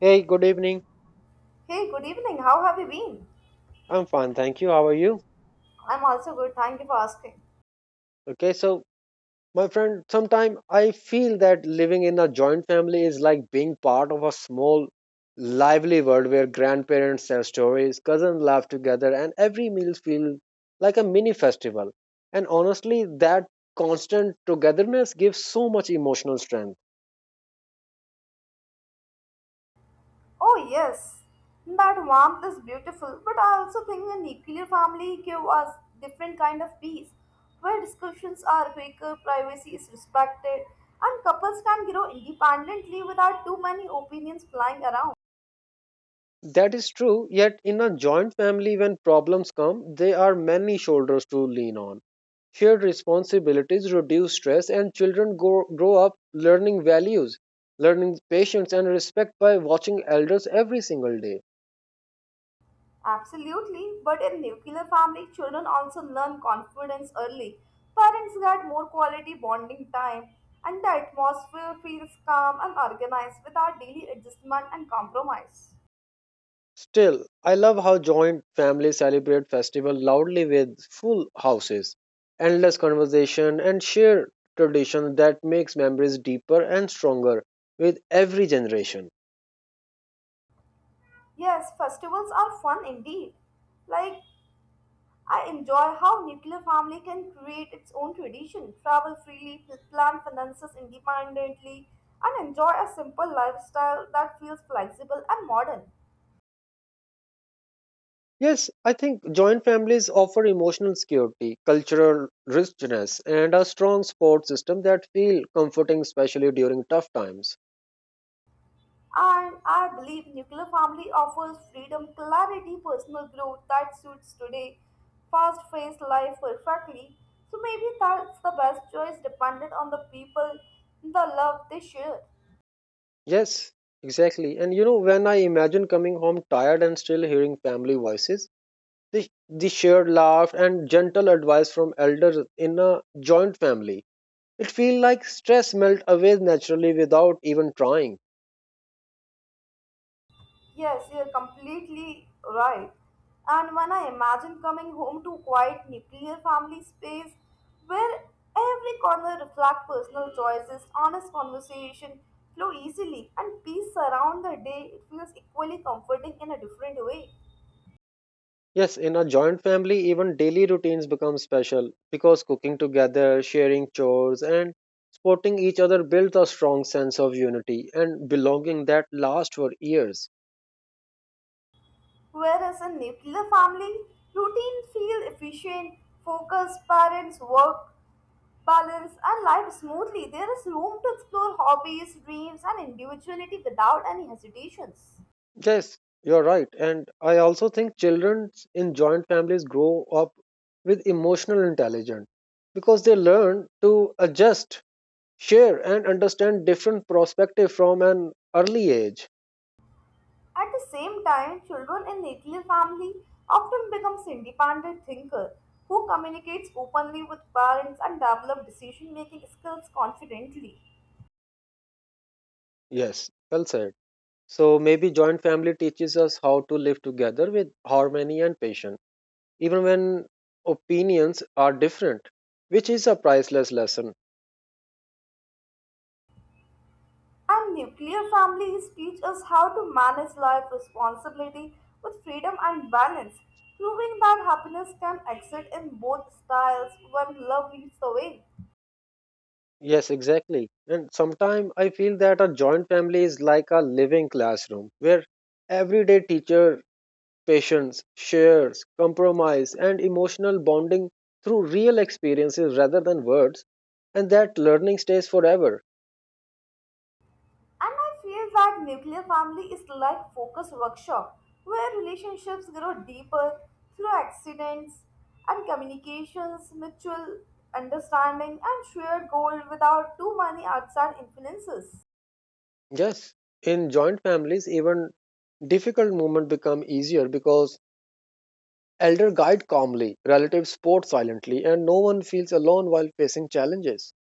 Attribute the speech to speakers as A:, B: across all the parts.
A: Hey, good evening.
B: Hey, good evening. How have you been?
A: I'm fine, thank you. How are you?
B: I'm also good. Thank you for asking.
A: Okay, so my friend, sometime I feel that living in a joint family is like being part of a small lively world where grandparents tell stories, cousins laugh together, and every meal feels like a mini festival. And honestly, that constant togetherness gives so much emotional strength.
B: Oh, yes. That warmth is beautiful, but I also think a nuclear family give us different kind of peace, where discussions are quicker, privacy is respected, and couples can grow independently without too many opinions flying around.
A: That is true, yet in a joint family, when problems come, there are many shoulders to lean on. Shared responsibilities reduce stress, and children grow up learning values, learning patience, and respect by watching elders every single day.
B: Absolutely, but in nuclear family, children also learn confidence early. Parents get more quality bonding time, and the atmosphere feels calm and organized without daily adjustment and compromise.
A: Still, I love how joint families celebrate festival loudly with full houses, endless conversation, and shared tradition that makes memories deeper and stronger with every generation.
B: Yes, festivals are fun indeed. Like, I enjoy how nuclear family can create its own tradition, travel freely, plan finances independently, and enjoy a simple lifestyle that feels flexible and modern.
A: Yes, I think joint families offer emotional security, cultural richness, and a strong support system that feel comforting, especially during tough times.
B: And I believe nuclear family offers freedom, clarity, personal growth that suits today fast-paced life perfectly. So maybe that's the best choice dependent on the people, the love they share.
A: Yes, exactly. And you know, when I imagine coming home tired and still hearing family voices, the shared laugh and gentle advice from elders in a joint family, it feels like stress melt away naturally without even trying.
B: Yes, you're completely right. And when I imagine coming home to a quiet nuclear family space where every corner reflects personal choices, honest conversation flow easily, and peace surround the day, it feels equally comforting in a different way.
A: Yes, in a joint family, even daily routines become special because cooking together, sharing chores, and supporting each other builds a strong sense of unity and belonging that lasts for years.
B: Whereas in nuclear family, routine feel efficient, focus, parents, work, balance, and life smoothly. There is room to explore hobbies, dreams, and individuality without any hesitations.
A: Yes, you're right. And I also think children in joint families grow up with emotional intelligence because they learn to adjust, share, and understand different perspectives from an early age.
B: At the same time, children in nuclear family often becomes independent thinker who communicates openly with parents and develop decision making skills confidently.
A: Yes, well said. So maybe joint family teaches us how to live together with harmony and patience, even when opinions are different, which is a priceless lesson.
B: And nuclear families teach us how to manage life responsibility with freedom and balance, proving that happiness can exist in both styles when love leads the way.
A: Yes, exactly. And sometimes I feel that a joint family is like a living classroom where everyday teacher patience, shares, compromise, and emotional bonding through real experiences rather than words, and that learning stays forever.
B: And I feel that nuclear family is like focus workshop where relationships grow deeper through accidents and communications, mutual understanding and shared goal without too many outside influences.
A: Yes, in joint families, even difficult moments become easier because elder guide calmly, relatives support silently, and no one feels alone while facing challenges.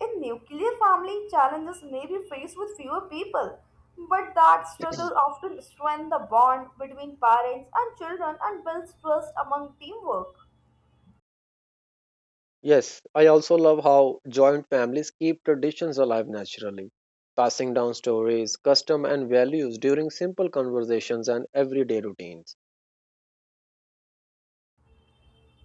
B: In nuclear family, challenges may be faced with fewer people, but that struggle often strengthens the bond between parents and children and builds trust among teamwork.
A: Yes, I also love how joint families keep traditions alive naturally, passing down stories, custom, and values during simple conversations and everyday routines.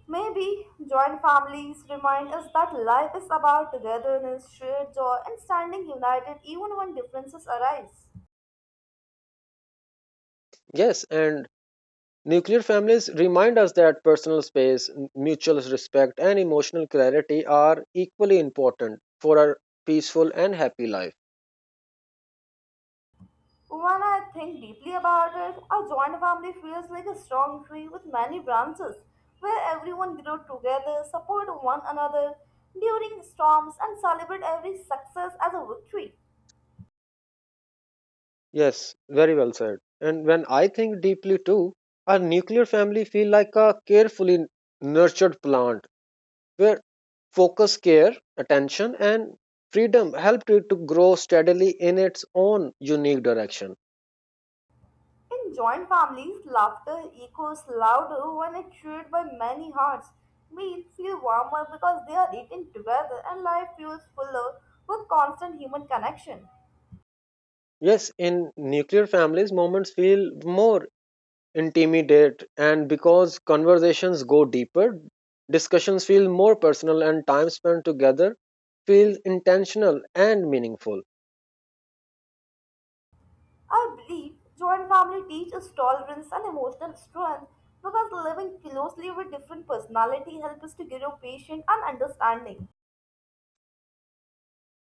B: Maybe joint families remind us that life is about togetherness, shared joy, and standing united even when differences arise.
A: Yes, and nuclear families remind us that personal space, mutual respect, and emotional clarity are equally important for a peaceful and happy life.
B: When I think deeply about it, a joint family feels like a strong tree with many branches, where everyone grows together, support one another during storms, and celebrate every success as a victory.
A: Yes, very well said. And when I think deeply too, a nuclear family feel like a carefully nurtured plant where focus, care, attention, and freedom helped it to grow steadily in its own unique direction.
B: In joint families, laughter echoes louder when it's shared by many hearts. Meals feel warmer because they are eaten together and life feels fuller with constant human connection.
A: Yes, in nuclear families, moments feel more intimidate and because conversations go deeper discussions feel more personal and time spent together feels intentional and meaningful.
B: I believe joint family teaches tolerance and emotional strength because living closely with different personality helps us to grow patient and understanding.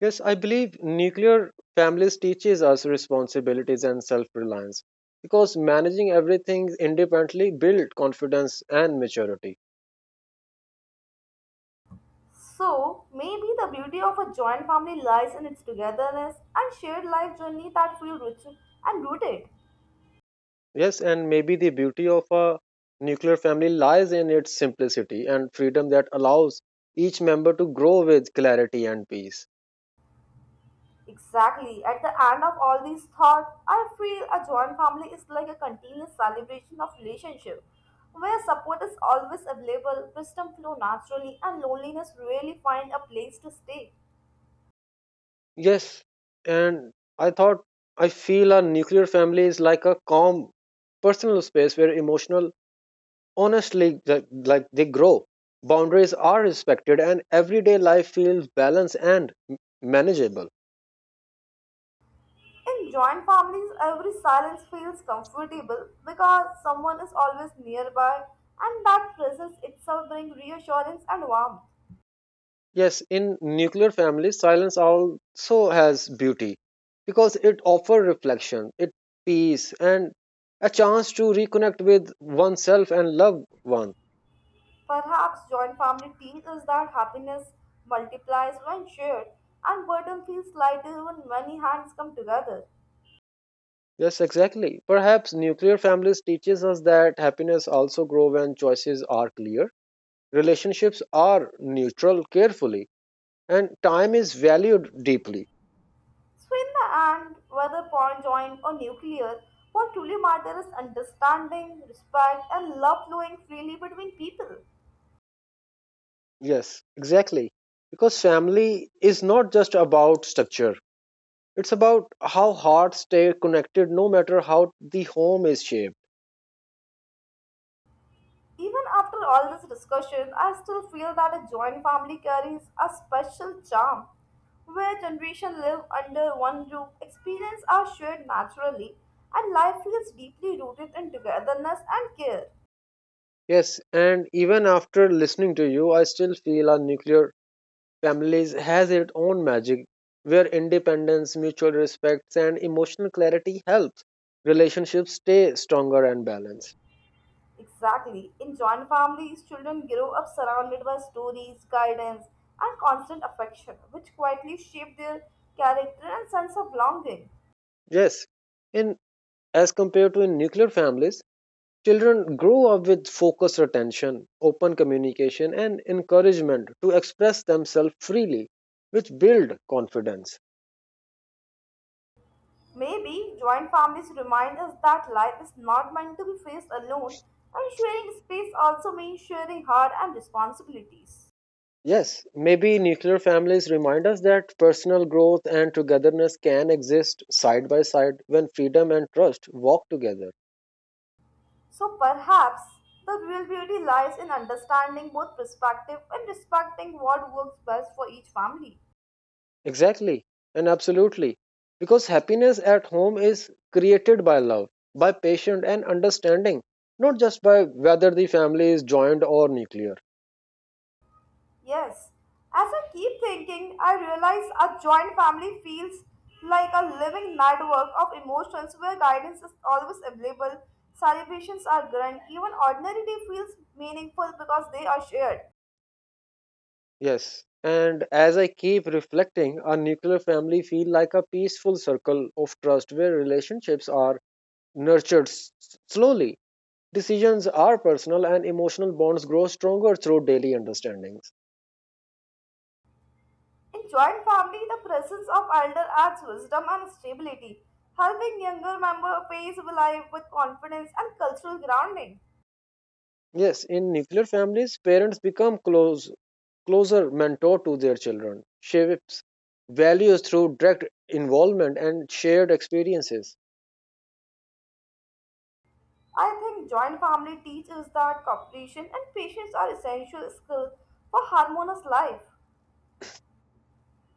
A: Yes, I believe nuclear families teaches us responsibilities and self-reliance because managing everything independently builds confidence and maturity.
B: So, maybe the beauty of a joint family lies in its togetherness and shared life journey that feel rich and rooted.
A: Yes, and maybe the beauty of a nuclear family lies in its simplicity and freedom that allows each member to grow with clarity and peace.
B: Exactly. At the end of all these thoughts, I feel a joint family is like a continuous celebration of relationship, where support is always available, wisdom flow naturally, and loneliness really find a place to stay.
A: Yes, and I thought I feel a nuclear family is like a calm personal space where emotional honestly like they grow. Boundaries are respected and everyday life feels balanced and manageable.
B: In joint families, every silence feels comfortable because someone is always nearby, and that presence itself brings reassurance and warmth.
A: Yes, in nuclear families silence also has beauty because it offers reflection, it peace and a chance to reconnect with oneself and loved ones.
B: Perhaps joint family teaches that happiness multiplies when shared and burden feels lighter when many hands come together.
A: Yes, exactly. Perhaps nuclear families teaches us that happiness also grow when choices are clear, relationships are neutral carefully, and time is valued deeply.
B: So, in the end, whether conjoined or nuclear, what truly matters is understanding, respect, and love flowing freely between people.
A: Yes, exactly. Because family is not just about structure. It's about how hearts stay connected no matter how the home is shaped.
B: Even after all this discussion, I still feel that a joint family carries a special charm where generations live under one roof, experiences are shared naturally, and life feels deeply rooted in togetherness and care.
A: Yes, and even after listening to you, I still feel a nuclear families has its own magic where independence, mutual respect, and emotional clarity helps relationships stay stronger and balanced.
B: Exactly. In joint families, children grow up surrounded by stories, guidance, and constant affection, which quietly shape their character and sense of belonging.
A: Yes, in as compared to in nuclear families, children grow up with focused attention, open communication, and encouragement to express themselves freely, which build confidence.
B: Maybe joint families remind us that life is not meant to be faced alone, and sharing space also means sharing hard and responsibilities.
A: Yes, maybe nuclear families remind us that personal growth and togetherness can exist side by side when freedom and trust walk together.
B: So perhaps the real beauty lies in understanding both perspectives and respecting what works best for each family.
A: Exactly, and absolutely. Because happiness at home is created by love, by patience and understanding, not just by whether the family is joined or nuclear.
B: Yes. As I keep thinking, I realize a joint family feels like a living network of emotions where guidance is always available, celebrations are grand, even ordinary day feels meaningful because they are shared.
A: Yes. And as I keep reflecting, a nuclear family feel like a peaceful circle of trust where relationships are nurtured slowly. Decisions are personal and emotional bonds grow stronger through daily understandings.
B: In joint family, the presence of elder adds wisdom and stability, helping younger member face life with confidence and cultural grounding.
A: Yes, in nuclear families, parents become closer mentor to their children, shapes values through direct involvement and shared experiences.
B: I think joint family teaches that cooperation and patience are essential skills for harmonious life.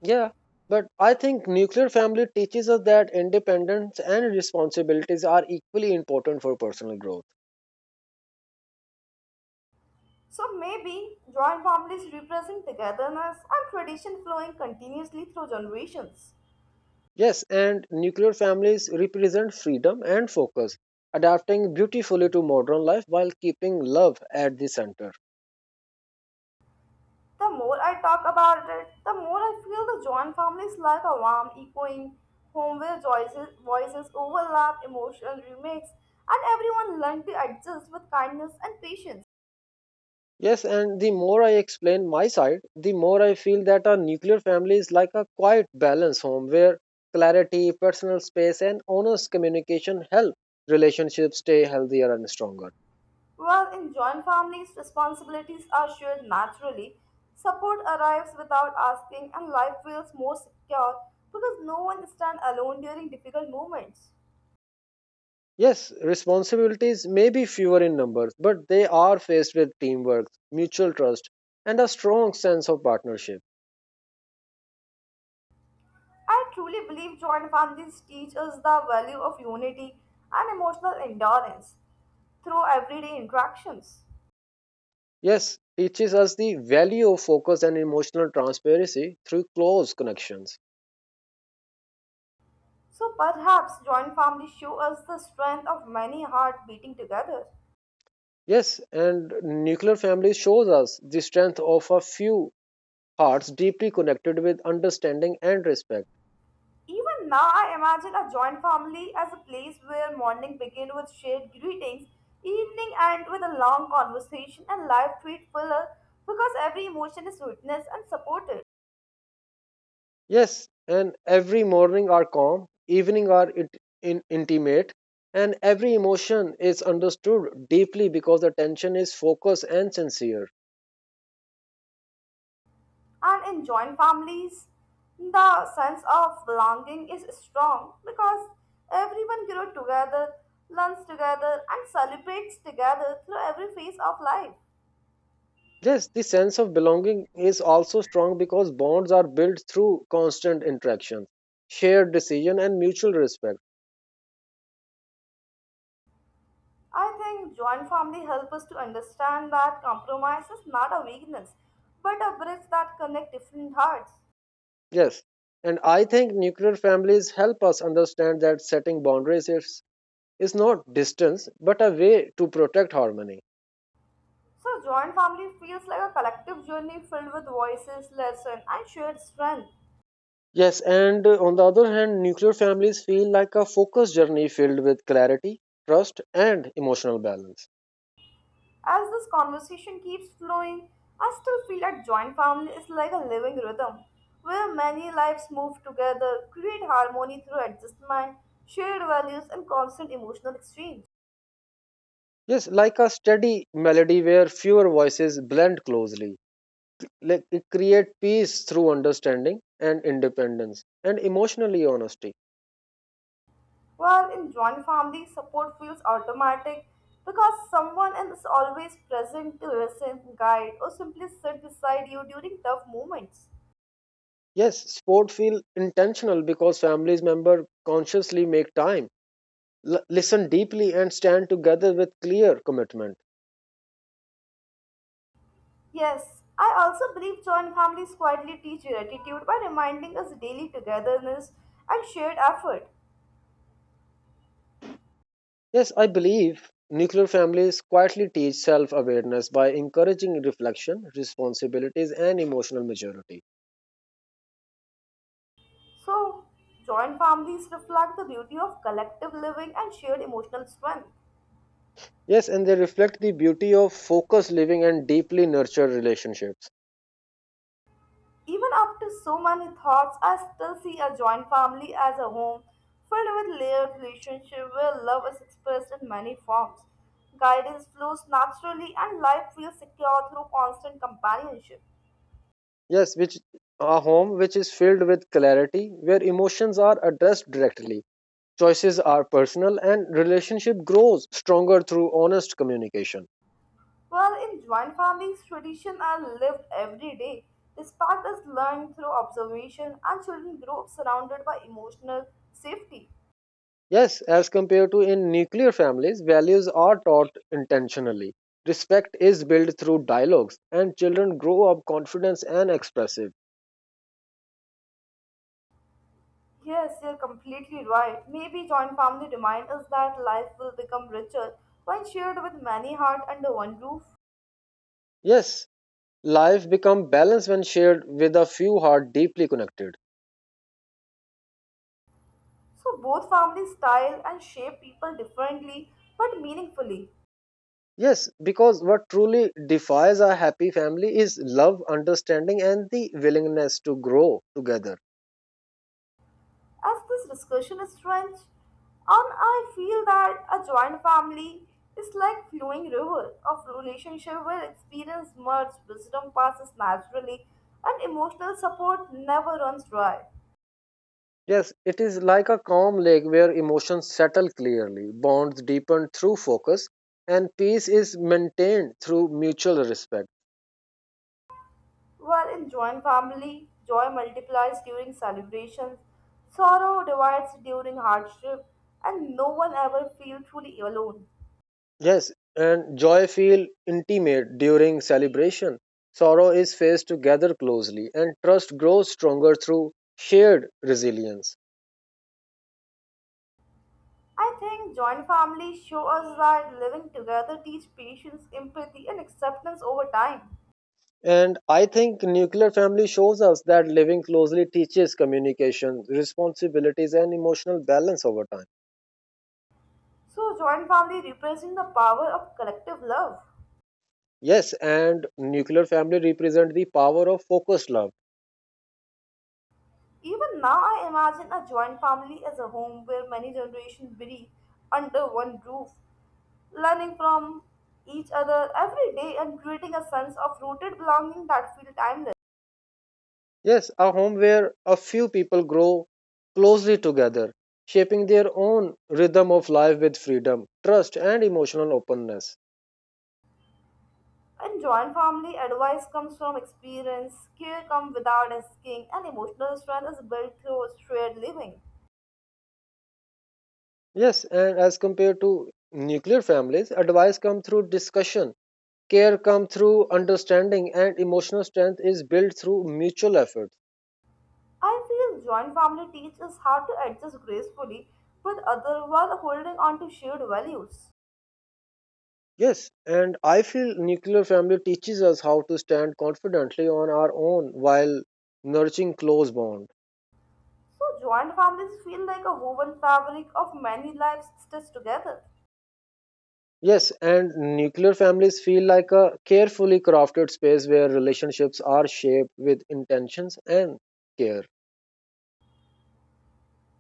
A: Yeah, but I think nuclear family teaches us that independence and responsibilities are equally important for personal growth.
B: So maybe joint families represent togetherness and tradition flowing continuously through generations.
A: Yes, and nuclear families represent freedom and focus, adapting beautifully to modern life while keeping love at the center.
B: The more I talk about it, the more I feel the joint family is like a warm, echoing home where voices overlap, emotional remix, and everyone learns to adjust with kindness and patience.
A: Yes, and the more I explain my side, the more I feel that a nuclear family is like a quiet balance home where clarity, personal space, and honest communication help relationships stay healthier and stronger.
B: While in joint families, responsibilities are shared naturally, support arrives without asking, and life feels more secure because no one stands alone during difficult moments.
A: Yes, responsibilities may be fewer in numbers, but they are faced with teamwork, mutual trust, and a strong sense of partnership.
B: I truly believe joint families teach us the value of unity and emotional endurance through everyday interactions.
A: Yes, teaches us the value of focus and emotional transparency through close connections.
B: So perhaps joint families show us the strength of many hearts beating together.
A: Yes, and nuclear family shows us the strength of a few hearts deeply connected with understanding and respect.
B: Even now, I imagine a joint family as a place where morning begins with shared greetings, evening ends with a long conversation, and life feels fuller because every emotion is witnessed and supported.
A: Yes, and every morning are calm, evening are intimate, and every emotion is understood deeply because the attention is focused and sincere.
B: And in joint families, the sense of belonging is strong because everyone grows together, learns together, and celebrates together through every phase of life.
A: Yes, the sense of belonging is also strong because bonds are built through constant interaction, shared decision, and mutual respect.
B: I think joint family helps us to understand that compromise is not a weakness, but a bridge that connects different hearts.
A: Yes, and I think nuclear families help us understand that setting boundaries is not distance but a way to protect harmony.
B: So joint family feels like a collective journey filled with voices, lessons, and shared strength.
A: Yes, and on the other hand, nuclear families feel like a focused journey filled with clarity, trust, and emotional balance.
B: As this conversation keeps flowing, I still feel that joint family is like a living rhythm, where many lives move together, create harmony through adjustment, shared values, and constant emotional exchange.
A: Yes, like a steady melody where fewer voices blend closely. Like it creates peace through understanding and independence and emotionally honesty.
B: While in joint family, support feels automatic because someone is always present to listen, guide, or simply sit beside you during tough moments.
A: Yes, sport feel intentional because families member consciously make time listen deeply and stand together with clear commitment.
B: Yes, I also believe joint families quietly teach gratitude by reminding us daily togetherness and shared effort.
A: Yes, I believe nuclear families quietly teach self awareness by encouraging reflection, responsibilities, and emotional maturity.
B: So, joint families reflect the beauty of collective living and shared emotional strength.
A: Yes, and they reflect the beauty of focused living and deeply nurtured relationships.
B: Even after so many thoughts, I still see a joint family as a home filled with layered relationship where love is expressed in many forms. Guidance flows naturally and life feels secure through constant companionship.
A: Yes, which a home which is filled with clarity, where emotions are addressed directly, choices are personal, and relationship grows stronger through honest communication.
B: While in joint families, tradition are lived every day. Respect is learned through observation and children grow up surrounded by emotional safety.
A: Yes, as compared to in nuclear families, values are taught intentionally. Respect is built through dialogues, and children grow up confident and expressive.
B: Yes, you're completely right. Maybe joint family reminds us that life will become richer when shared with many hearts under one roof.
A: Yes, life becomes balanced when shared with a few heart deeply connected.
B: So both families style and shape people differently but meaningfully.
A: Yes, because what truly defines a happy family is love, understanding, and the willingness to grow together.
B: As this discussion is rich, and I feel that a joint family is like flowing river of relationship where experience merges, wisdom passes naturally, and emotional support never runs dry.
A: Yes, it is like a calm lake where emotions settle clearly, bonds deepen through focus, and peace is maintained through mutual respect.
B: While in joint family, joy multiplies during celebrations, sorrow divides during hardship, and no one ever feels truly alone.
A: Yes, and joy feel intimate during celebration. Sorrow is faced together closely, and trust grows stronger through shared resilience.
B: I think joint families show us that living together teach patience, empathy, and acceptance over time.
A: And I think nuclear family shows us that living closely teaches communication, responsibilities, and emotional balance over time.
B: So, joint family represents the power of collective love.
A: Yes, and nuclear family represent the power of focused love.
B: Even now, I imagine a joint family as a home where many generations breathe under one roof learning from each other every day and creating a sense of rooted belonging that feels timeless.
A: Yes, a home where a few people grow closely together, shaping their own rhythm of life with freedom, trust, and emotional openness.
B: In joint family, advice comes from experience, care comes without asking, and emotional strength is built through shared living.
A: Yes, and as compared to nuclear families, advice comes through discussion, care comes through understanding, and emotional strength is built through mutual effort.
B: I feel joint family teaches how to adjust gracefully with other while holding on to shared values.
A: Yes, and I feel nuclear family teaches us how to stand confidently on our own while nurturing close bond.
B: So joint families feel like a woven fabric of many lives stitched together.
A: Yes, and nuclear families feel like a carefully crafted space where relationships are shaped with intentions and care.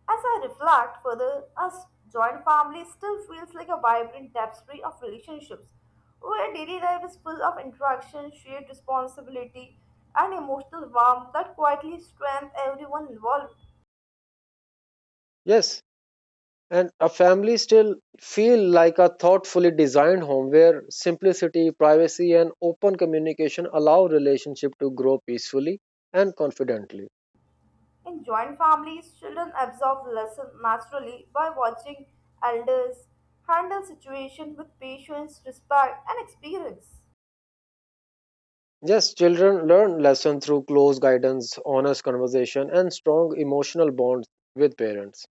B: As I reflect further, a joint family still feels like a vibrant tapestry of relationships, where daily life is full of interaction, shared responsibility, and emotional warmth that quietly strengthen everyone involved.
A: Yes, and a family still feel like a thoughtfully designed home where simplicity, privacy and open communication allow relationship to grow peacefully and confidently.
B: In joint families, children absorb lessons naturally by watching elders handle situations with patience, respect, and experience.
A: Yes, children learn lesson through close guidance, honest conversation, and strong emotional bonds with parents.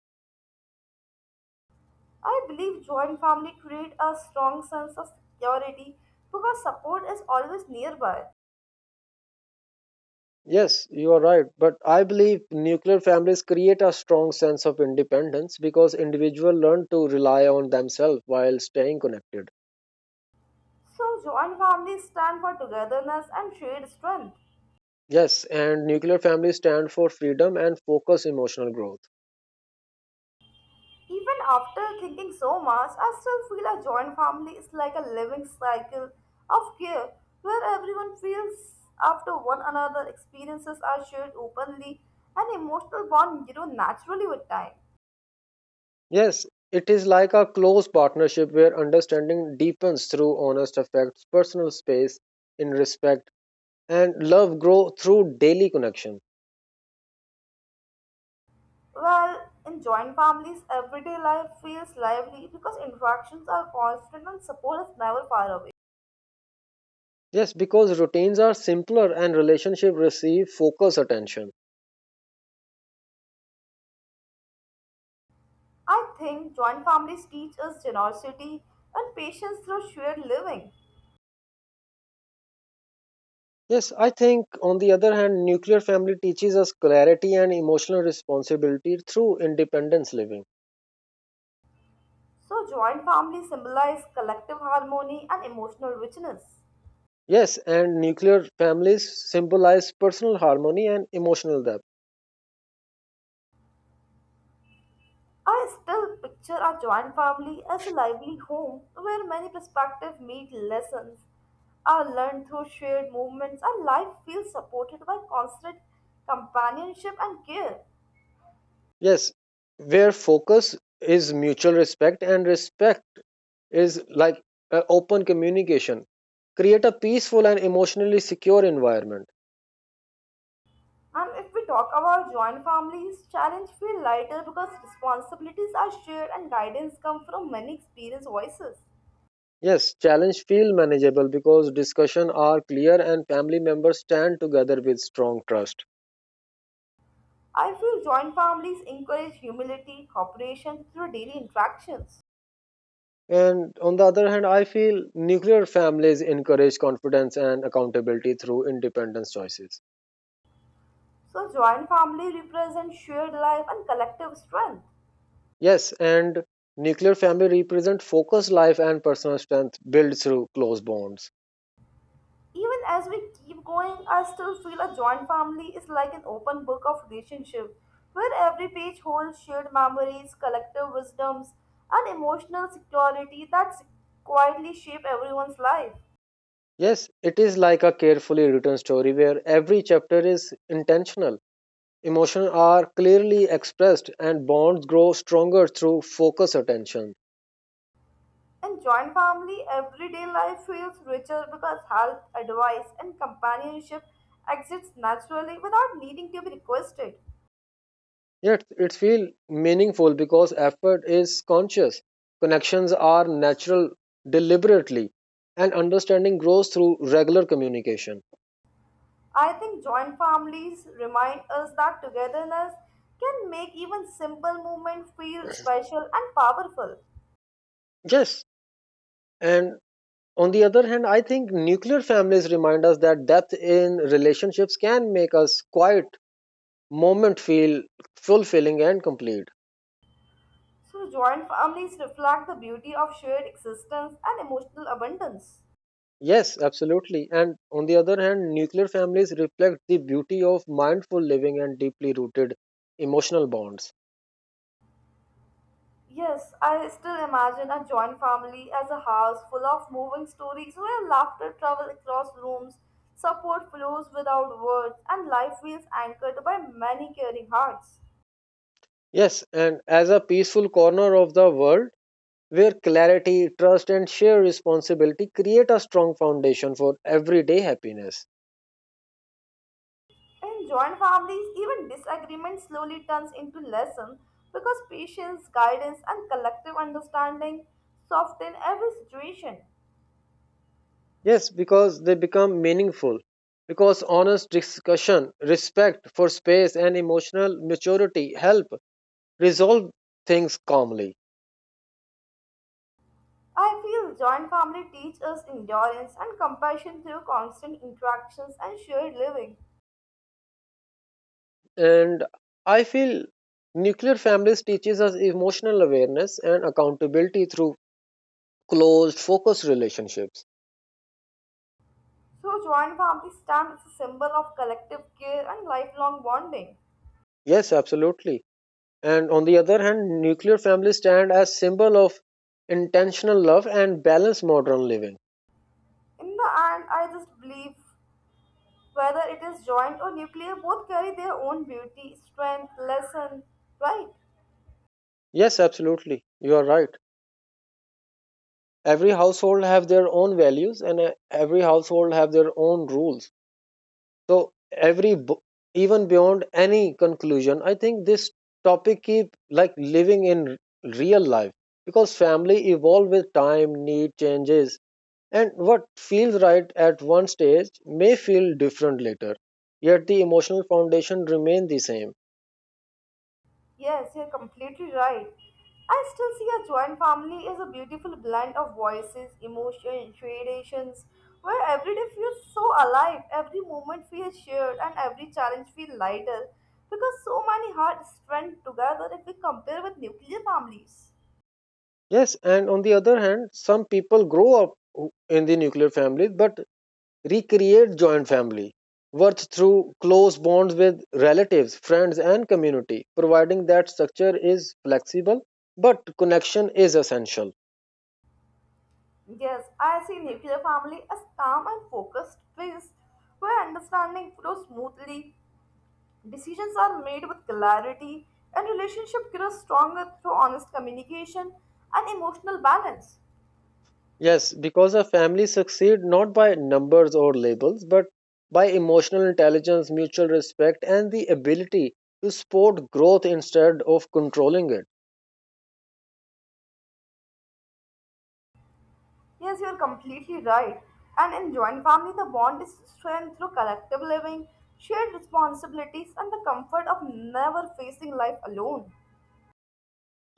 B: I believe joint family create a strong sense of security because support is always nearby.
A: Yes, you are right, but I believe nuclear families create a strong sense of independence because individuals learn to rely on themselves while staying connected.
B: So, joint families stand for togetherness and shared strength.
A: Yes, and nuclear families stand for freedom and focus emotional growth.
B: Even after thinking so much, I still feel a joint family is like a living cycle of care where everyone feels after one another, experiences are shared openly, and emotional bond grow naturally with time.
A: Yes, it is like a close partnership where understanding deepens through honest affects, personal space in respect and love grow through daily connection.
B: Well, in joint families, everyday life feels lively because interactions are constant and support is never far away.
A: Yes, because routines are simpler and relationship receive focus attention.
B: I think joint families teach us generosity and patience through shared living.
A: Yes, I think on the other hand, nuclear family teaches us clarity and emotional responsibility through independence living.
B: So, joint family symbolize collective harmony and emotional richness.
A: Yes, and nuclear families symbolize personal harmony and emotional depth.
B: I still picture a joint family as a lively home where many perspectives meet lessons are learned through shared movements and life feels supported by constant companionship and care.
A: Yes, where focus is mutual respect and respect is like open communication. Create a peaceful and emotionally secure environment.
B: And if we talk about joint families, challenge feel lighter because responsibilities are shared and guidance come from many experienced voices.
A: Yes, challenge feel manageable because discussion are clear and family members stand together with strong trust.
B: I feel joint families encourage humility, cooperation through daily interactions.
A: And on the other hand, I feel nuclear families encourage confidence and accountability through independence choices.
B: So, joint family represents shared life and collective strength.
A: Yes, and nuclear family represent focused life and personal strength built through close bonds.
B: Even as we keep going, I still feel a joint family is like an open book of relationship where every page holds shared memories, collective wisdoms, and emotional security that quietly shape everyone's life.
A: Yes, it is like a carefully written story where every chapter is intentional. Emotions are clearly expressed and bonds grow stronger through focused attention.
B: And joint family, everyday life feels richer because help, advice, and companionship exists naturally without needing to be requested.
A: Yet it feels meaningful because effort is conscious. Connections are natural deliberately, and understanding grows through regular communication.
B: I think joint families remind us that togetherness can make even simple moments feel special and powerful.
A: Yes, and on the other hand, I think nuclear families remind us that depth in relationships can make us quiet moment feel fulfilling and complete.
B: So, joint families reflect the beauty of shared existence and emotional abundance.
A: Yes, absolutely. And on the other hand, nuclear families reflect the beauty of mindful living and deeply rooted emotional bonds.
B: Yes, I still imagine a joint family as a house full of moving stories where laughter travels across rooms, support flows without words, and life feels anchored by many caring hearts.
A: Yes, and as a peaceful corner of the world where clarity, trust, and shared responsibility create a strong foundation for everyday happiness.
B: In joint families, even disagreement slowly turns into lesson because patience, guidance, and collective understanding soften every situation.
A: Yes, because they become meaningful, because honest discussion, respect for space, and emotional maturity help resolve things calmly.
B: I feel joint family teach us endurance and compassion through constant interactions and shared living.
A: And I feel nuclear families teaches us emotional awareness and accountability through closed, focused relationships.
B: So, joint family stand is a symbol of collective care and lifelong bonding.
A: Yes, absolutely. And on the other hand, nuclear families stand as symbol of intentional love and balanced modern living.
B: In the end, I just believe whether it is joint or nuclear, both carry their own beauty, strength, lesson, right?
A: Yes, absolutely. You are right. Every household have their own values and every household have their own rules. So even beyond any conclusion, I think this topic keep like living in real life because family evolve with time, need changes. And what feels right at one stage may feel different later, yet the emotional foundation remains the same.
B: Yes, you're completely right. I still see a joint family as a beautiful blend of voices, emotions, traditions, where every day feels so alive, every moment feels shared, and every challenge feels lighter because so many hearts strand together if we compare with nuclear families.
A: Yes, and on the other hand, some people grow up in the nuclear family but recreate joint family, worth through close bonds with relatives, friends, and community, providing that structure is flexible but connection is essential.
B: Yes, I see nuclear family as calm and focused phase where understanding flows smoothly, decisions are made with clarity, and relationship grows stronger through honest communication and emotional balance.
A: Yes, because a family succeed not by numbers or labels, but by emotional intelligence, mutual respect, and the ability to support growth instead of controlling it.
B: Yes, you are completely right. And in joint family, the bond is strengthened through collective living, shared responsibilities, and the comfort of never facing life alone.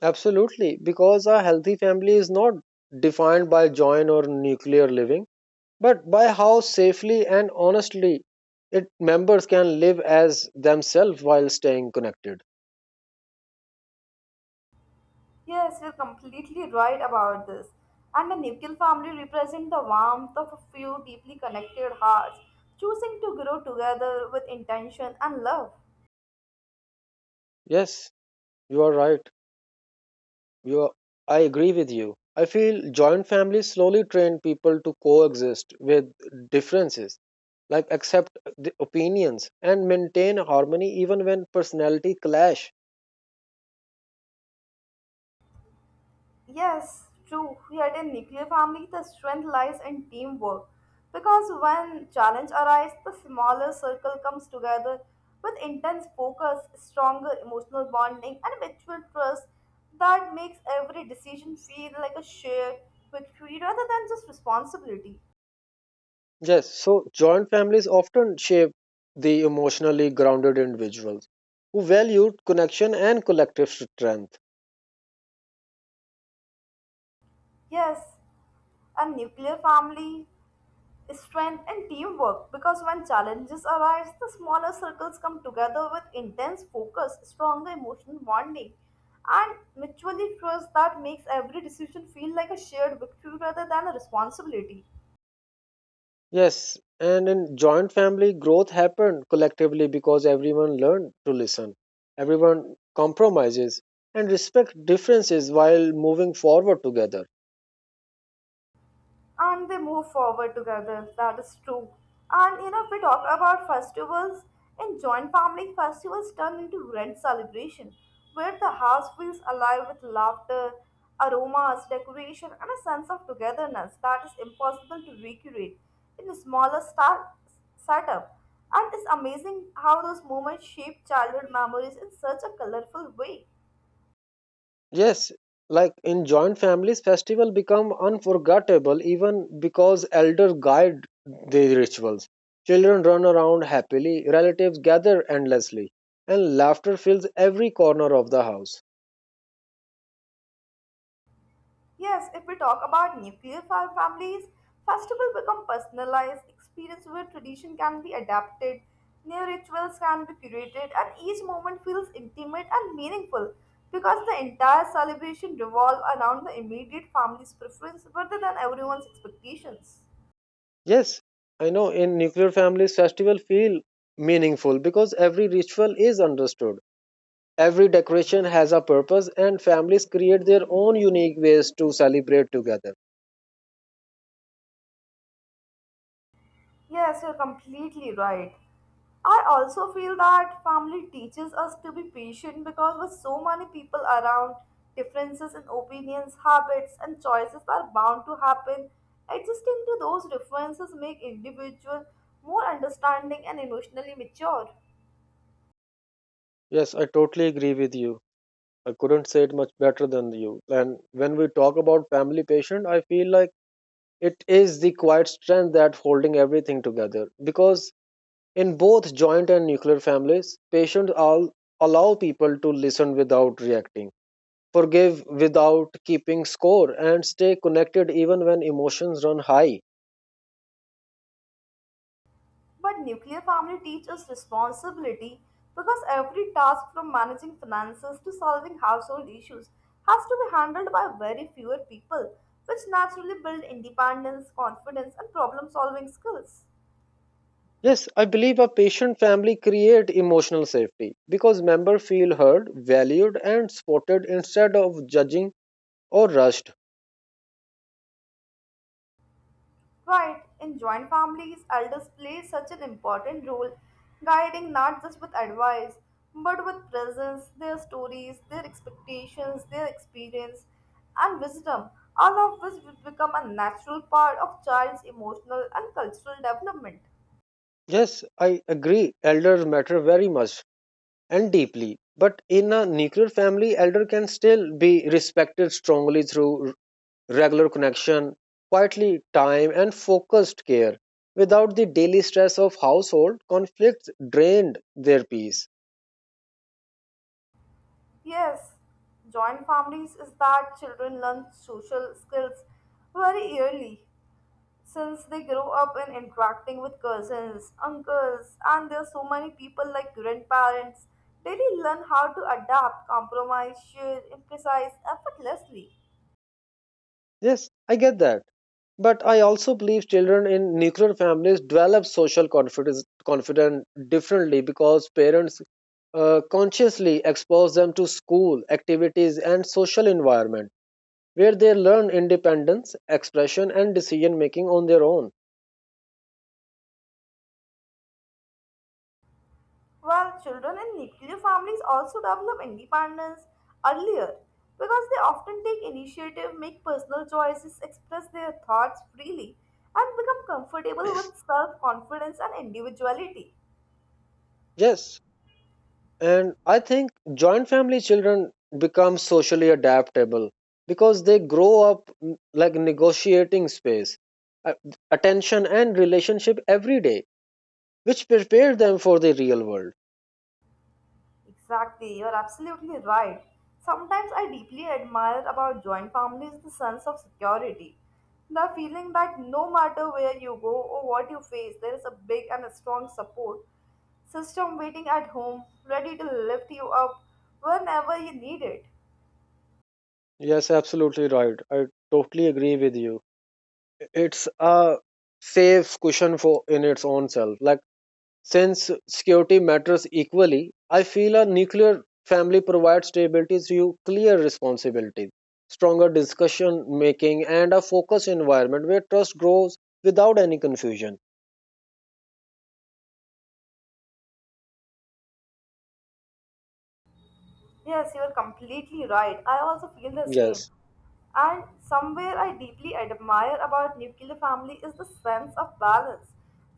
A: Absolutely, because a healthy family is not defined by joint or nuclear living, but by how safely and honestly its members can live as themselves while staying connected.
B: Yes, you're completely right about this. And the nuclear family represents the warmth of a few deeply connected hearts, choosing to grow together with intention and love.
A: Yes, you are right. You, I agree with you. I feel joint families slowly train people to coexist with differences, like accept the opinions and maintain harmony even when personality clash.
B: Yes, true. Here in nuclear family, the strength lies in teamwork. Because when challenge arises, the smaller circle comes together with intense focus, stronger emotional bonding, and mutual trust that makes every decision feel like a shared victory rather than just responsibility.
A: Yes, so joint families often shape the emotionally grounded individuals who valued connection and collective strength.
B: Yes, a nuclear family, strength, and teamwork because when challenges arise, the smaller circles come together with intense focus, stronger emotional bonding, and mutually trust that makes every decision feel like a shared victory rather than a responsibility.
A: Yes, and in joint family, growth happened collectively because everyone learned to listen. Everyone compromises and respect differences while moving forward together.
B: And they move forward together. That is true. And you know, if we talk about festivals, in joint family, festivals turn into grand celebration where the house feels alive with laughter, aromas, decoration, and a sense of togetherness that is impossible to recreate in a smaller start setup. And it's amazing how those moments shape childhood memories in such a colorful way.
A: Yes, like in joint families, festival become unforgettable even because elder guide the rituals. Children run around happily, relatives gather endlessly, and laughter fills every corner of the house.
B: Yes, if we talk about families, festivals become personalized experience where tradition can be adapted, new rituals can be curated, and each moment feels intimate and meaningful because the entire celebration revolves around the immediate family's preference rather than everyone's expectations.
A: Yes, I know in nuclear families, festival feel meaningful because every ritual is understood. Every decoration has a purpose, and families create their own unique ways to celebrate together.
B: Yes, you're completely right. I also feel that family teaches us to be patient because with so many people around, differences in opinions, habits, and choices are bound to happen. Adjusting to those differences make individual more understanding and emotionally mature.
A: Yes, I totally agree with you. I couldn't say it much better than you. And when we talk about family patient, I feel like it is the quiet strength that holding everything together. Because in both joint and nuclear families, patients all allow people to listen without reacting, forgive without keeping score, and stay connected even when emotions run high.
B: But nuclear family teaches responsibility because every task from managing finances to solving household issues has to be handled by very fewer people, which naturally build independence, confidence, and problem solving skills.
A: Yes, I believe a patient family create emotional safety because members feel heard, valued, and supported instead of judging or rushed.
B: Right, in joint families, elders play such an important role, guiding not just with advice, but with presence, their stories, their expectations, their experience, and wisdom, all of which will become a natural part of child's emotional and cultural development.
A: Yes, I agree, elders matter very much and deeply, but in a nuclear family elder can still be respected strongly through regular connection, quietly time and focused care. Without the daily stress of household, conflicts drained their peace.
B: Yes, joint families is that children learn social skills very early since they grow up in interacting with cousins, uncles, and there are so many people like grandparents, daily learn how to adapt, compromise, share, emphasize effortlessly.
A: Yes, I get that. But I also believe children in nuclear families develop social confidence differently because parents consciously expose them to school activities and social environment where they learn independence, expression, and decision making on their own.
B: While children in nuclear families also develop independence earlier because they often take initiative, make personal choices, express their thoughts freely, and become comfortable with self confidence and individuality.
A: Yes, and I think joint family children become socially adaptable because they grow up like negotiating space, a- attention, and relationship every day, which prepare them for the real world.
B: Exactly, you're absolutely right. Sometimes I deeply admire about joint families the sense of security. The feeling that no matter where you go or what you face, there is a big and a strong support system waiting at home, ready to lift you up whenever you need it.
A: Yes, absolutely right. I totally agree with you. It's a safe cushion for in its own self. Like, since security matters equally, I feel a nuclear family provides stability through clear responsibilities, stronger discussion making, and a focused environment where trust grows without any confusion.
B: Yes, you are completely right. I also feel the same.
A: Yes.
B: And somewhere I deeply admire about nuclear family is the sense of balance.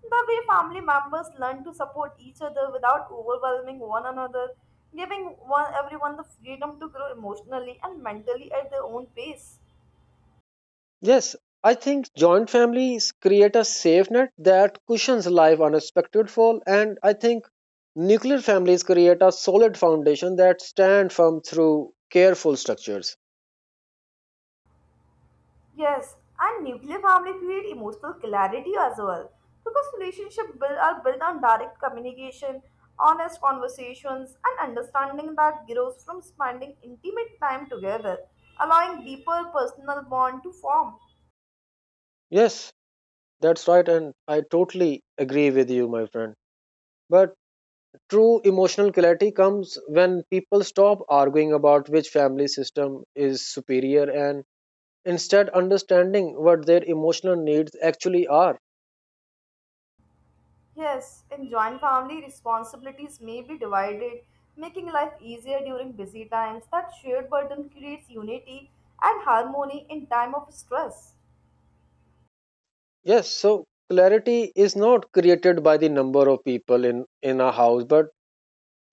B: The way family members learn to support each other without overwhelming one another, giving one everyone the freedom to grow emotionally and mentally at their own pace.
A: Yes. I think joint families create a safe net that cushions life unexpected fall, and I think nuclear families create a solid foundation that stand firm through careful structures.
B: Yes, and nuclear family create emotional clarity as well because relationships build, are built on direct communication, honest conversations, and understanding that grows from spending intimate time together, allowing deeper personal bond to form.
A: Yes, that's right, and I totally agree with you, my friend. But true emotional clarity comes when people stop arguing about which family system is superior and instead understanding what their emotional needs actually are.
B: Yes, in joint family, responsibilities may be divided, making life easier during busy times. That shared burden creates unity and harmony in time of stress.
A: Yes, so clarity is not created by the number of people in a house, but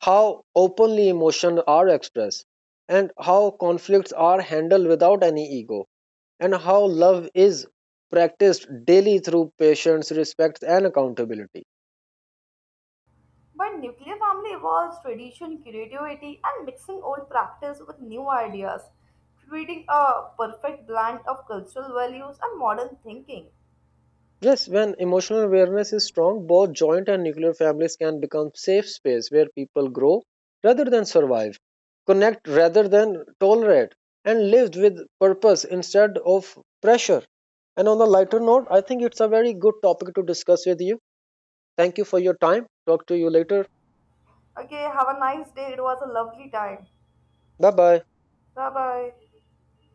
A: how openly emotions are expressed, and how conflicts are handled without any ego, and how love is practiced daily through patience, respect, and accountability.
B: But nuclear family involves tradition, creativity, and mixing old practice with new ideas, creating a perfect blend of cultural values and modern thinking.
A: Yes, when emotional awareness is strong, both joint and nuclear families can become safe space where people grow rather than survive, connect rather than tolerate, and lived with purpose instead of pressure. And on a lighter note, I think it's a very good topic to discuss with you. Thank you for your time. Talk to you later.
B: Okay, have a nice day. It was a lovely time.
A: Bye bye.
B: Bye bye.